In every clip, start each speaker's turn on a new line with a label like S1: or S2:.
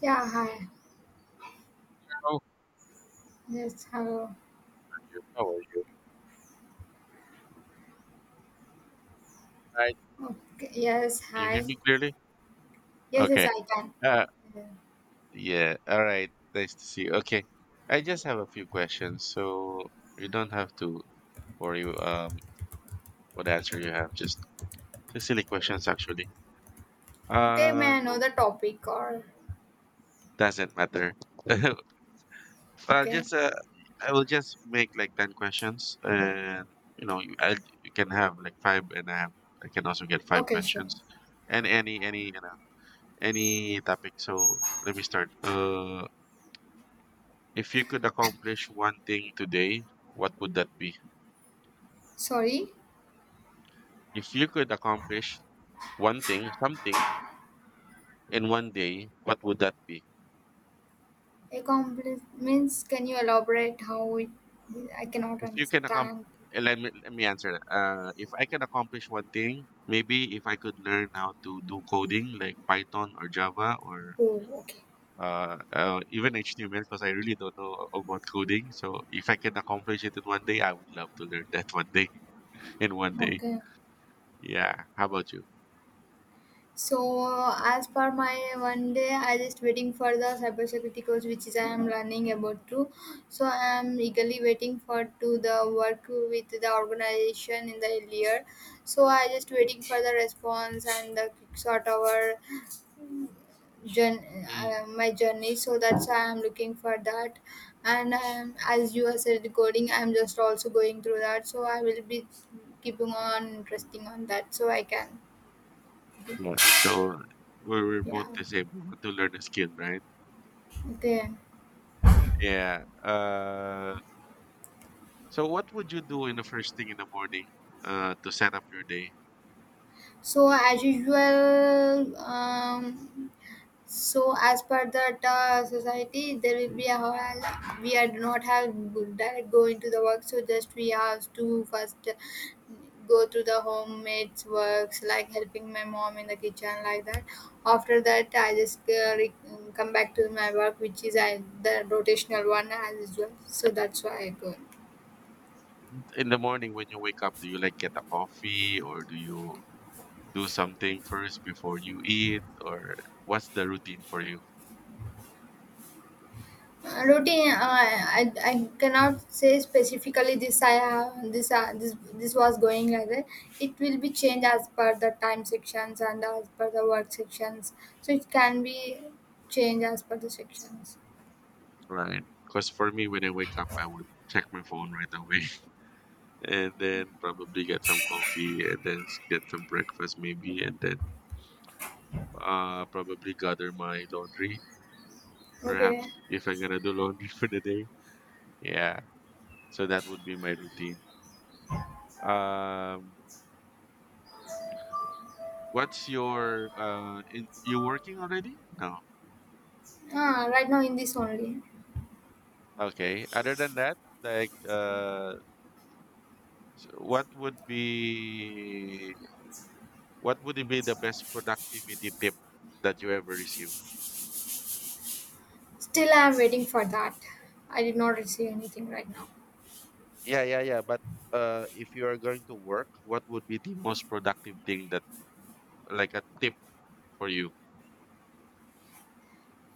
S1: Yeah, hi.
S2: Oh,
S1: Yes, hello.
S2: you? How are you? Hi.
S1: Okay, yes,
S2: Can you hear
S1: hi.
S2: me clearly?
S1: Yes, yes,
S2: Okay.
S1: I can.
S2: Uh,
S1: Yeah.
S2: yeah. All right. Nice to see you. Okay. I just have a few questions, so you don't have to worry what answer you have. Just silly questions, actually.
S1: Okay, may
S2: Uh,
S1: I know the topic or
S2: doesn't matter. Well,
S1: okay.
S2: just I will just make like 10 questions, and you know, you, I, you can have like five, and I can also get five
S1: Okay, sure.
S2: questions, and any. Any topic. So let me start. If you could accomplish one thing today, what would that be?
S1: Sorry.
S2: If you could accomplish one thing, something in one day, what would that be?
S1: A means can you elaborate how it I cannot
S2: If you can accomplish,
S1: understand.
S2: let me answer that. If I can accomplish one thing, maybe if I could learn how to do coding like Python or Java or
S1: Oh, okay.
S2: even HTML, because I really don't know about coding. So if I can accomplish it in one day, I would love to learn that one day in one day.
S1: Okay.
S2: Yeah, how about you?
S1: So as per my one day, I just waiting for the cybersecurity course which is I am learning about to. So I am eagerly waiting for to the work with the organization in the year. So I just waiting for the response and the quick sort our journey,
S2: Mm.
S1: my journey. So that's why I am looking for that. And as you have said, coding, I am just also going through that. So I will be keeping on interesting on that. So I can,
S2: Yeah, so we're
S1: yeah.
S2: both the same. We want to learn a skill, right?
S1: Okay.
S2: Yeah. So what would you do in the first thing in the morning, to set up your day?
S1: So as usual, so as per the society, there will be a whole, we are do not have direct go into the work. So just we have to first go through the homemade's works like helping my mom in the kitchen like that. After that, I just come back to my work, which is I, the rotational one as usual. So that's why I go.
S2: In the morning when you wake up, do you like get a coffee or do you do something first before you eat or what's the routine for you?
S1: Routine uh, I cannot say specifically this I have this was going like that. It will be changed as per the time sections and as per the work sections, so it can be changed as per the sections.
S2: Right. Because for me, when I wake up, I would check my phone right away and then probably get some coffee and then get some breakfast maybe and then probably gather my laundry,
S1: Okay.
S2: perhaps, if I'm gonna do laundry for the day. Yeah, so that would be my routine. Um, what's your you working already? No.
S1: Right now in this only,
S2: Okay. Other than that, like so what would be the best productivity tip that you ever received?
S1: still I am waiting for that. I did not receive anything right now.
S2: Yeah, yeah, yeah. But if you are going to work, what would be the most productive thing that like a tip for you?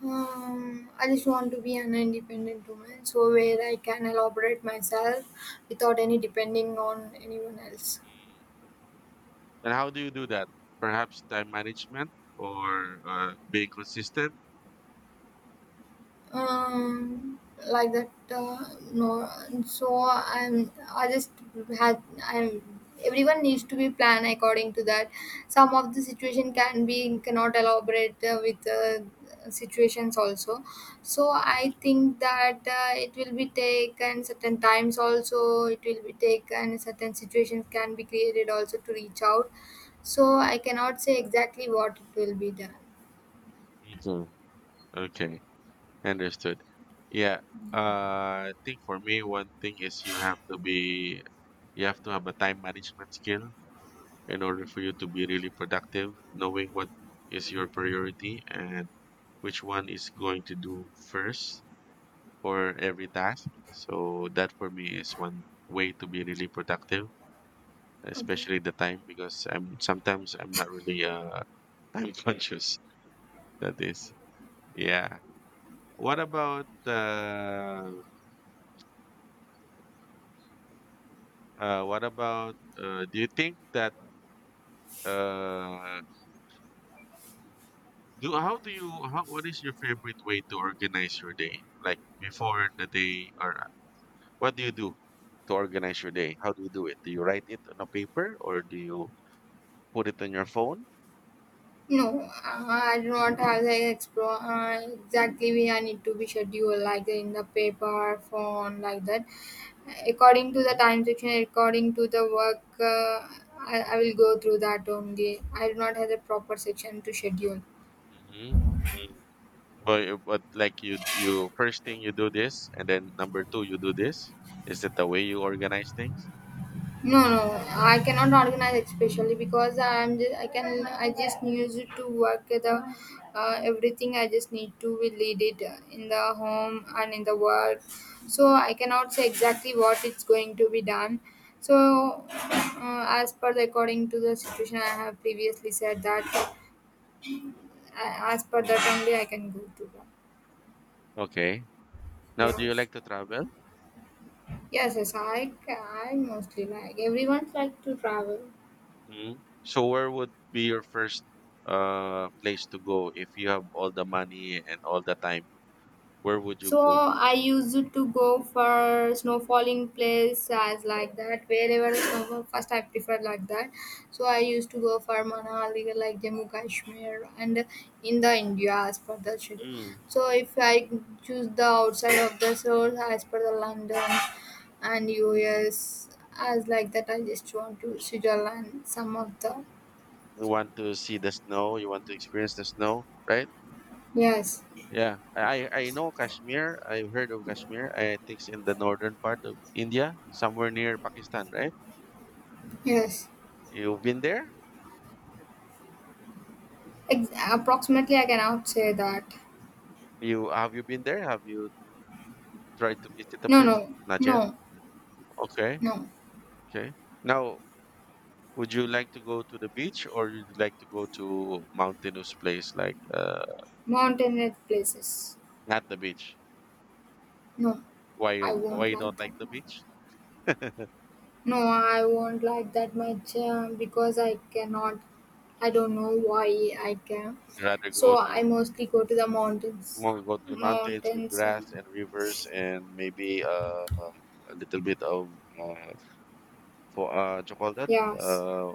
S1: I just want to be an independent woman, so where I can elaborate myself without any depending on anyone else.
S2: And how do you do that? Perhaps time management or being consistent?
S1: Um like that no, so I just had I'm Everyone needs to be planned according to that. Some of the situation can be cannot elaborate with situations also, so I think that it will be taken certain times also. It will be taken certain situations can be created also to reach out, so I cannot say exactly what it will be done.
S2: Mhm. Okay, understood. Yeah, I think for me, one thing is you have to be, you have to have a time management skill in order for you to be really productive, knowing what is your priority and which one is going to do first for every task. So that for me is one way to be really productive.
S1: Okay.
S2: Especially the time because I'm sometimes I'm not really time conscious. That is, yeah. What about uh, what about do you think that uh do how do you how what is your favorite way to organize your day? Like before the day or what do you do to organize your day? How do you do it? Do you write it on a paper or do you put it on your phone?
S1: No, I do not have the explore exactly we I need to be scheduled like in the paper, phone like that. According to the time section, according to the work, I will go through that only. I do not have the proper section to schedule.
S2: Mm-hmm. But like you first thing you do this, and then number two you do this. Is it the way you organize things?
S1: No, no, I cannot organize especially because I'm just, I can I just use it to work the everything. I just need to lead it in the home and in the work. So I cannot say exactly what it's going to be done. So as per the according to the situation, I have previously said that as per that
S2: Mm,
S1: only I can go to the
S2: okay. Now, do you
S1: yes.
S2: like to travel?
S1: Yes, yes, I mostly like everyone's like to travel.
S2: Mm. So, where would be your first place to go if you have all the money and all the time? Where would you
S1: So
S2: go?
S1: I used to go for snowfalling place as like that, wherever snow first I prefer like that. So I used to go for Manali like Jammu Kashmir and in the India as per the schedule.
S2: Mm.
S1: So if I choose the outside of the source as per the London and US, as like that I just want to Switzerland some of the
S2: You want to see the snow? You want to experience the snow, right?
S1: yes.
S2: Yeah, I know Kashmir. I've heard of Kashmir. I think it's in the northern part of India, somewhere near Pakistan, right?
S1: Yes.
S2: You've been there?
S1: Ex- approximately I cannot say that.
S2: You been there? Have you tried to visit the
S1: No,
S2: place?
S1: no,
S2: Not yet.
S1: no,
S2: Okay,
S1: no.
S2: okay. Now, would you like to go to the beach or would you like to go to mountainous place like
S1: Mountainous places.
S2: not the beach?
S1: No,
S2: Why you
S1: I
S2: why
S1: won't
S2: you
S1: like
S2: don't
S1: that
S2: like the
S1: much.
S2: beach?
S1: No, I won't like that much, because I cannot. I don't know why I can.
S2: You rather go
S1: So I
S2: to
S1: mostly go to the mountains.
S2: more go to the mountains with
S1: Mountains. And
S2: grass and rivers and maybe a little bit of for what you call that?
S1: yes.
S2: Uh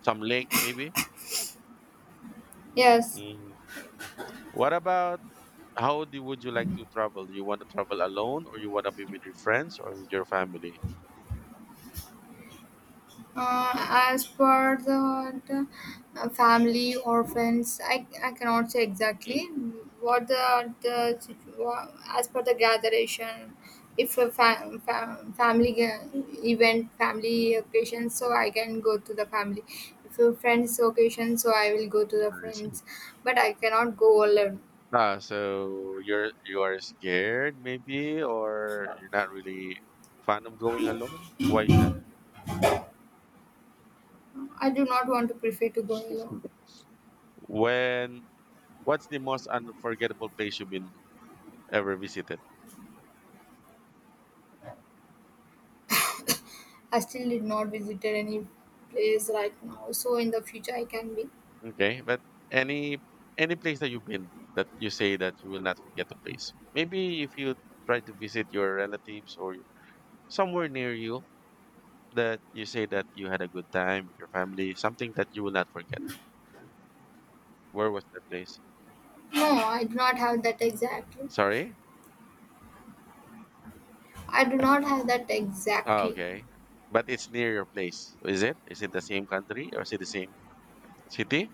S2: some lake maybe.
S1: Yes.
S2: Mm. What about How do would you like to travel? Do you want to travel alone or you want to be with your friends or with your family?
S1: Uh, as per the family or friends, I cannot say
S2: Mhm.
S1: exactly what as per the gatheration, if a event, family occasion, so I can go to the family. If a friends occasion, so I will go to the
S2: I see.
S1: friends, but I cannot go alone.
S2: Ah, so you are scared maybe or you're not really fan of going alone? Why is that?
S1: I do not want to prefer to go alone.
S2: When what's the most unforgettable place you've been ever visited?
S1: I still did not visited any place right now, so in the future I can be.
S2: Okay, but any any place that you've been that you say that you will not forget the place. Maybe if you try to visit your relatives or somewhere near you, that you say that you had a good time with your family, something that you will not forget. Where was that place?
S1: No, I do not have that
S2: Mhm.
S1: exactly.
S2: Sorry?
S1: I do not have that
S2: Oh,
S1: exactly.
S2: okay. But it's near your place, is it? Is it the same country or is it the same city?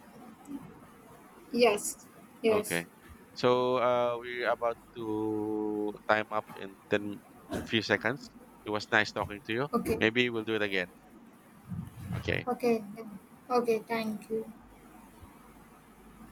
S1: Yes, yes.
S2: Okay. So we're about to time up in 10 to few seconds. It was nice talking to you.
S1: Okay,
S2: Maybe we'll do it again. Okay.
S1: okay, then. Okay. Thank you.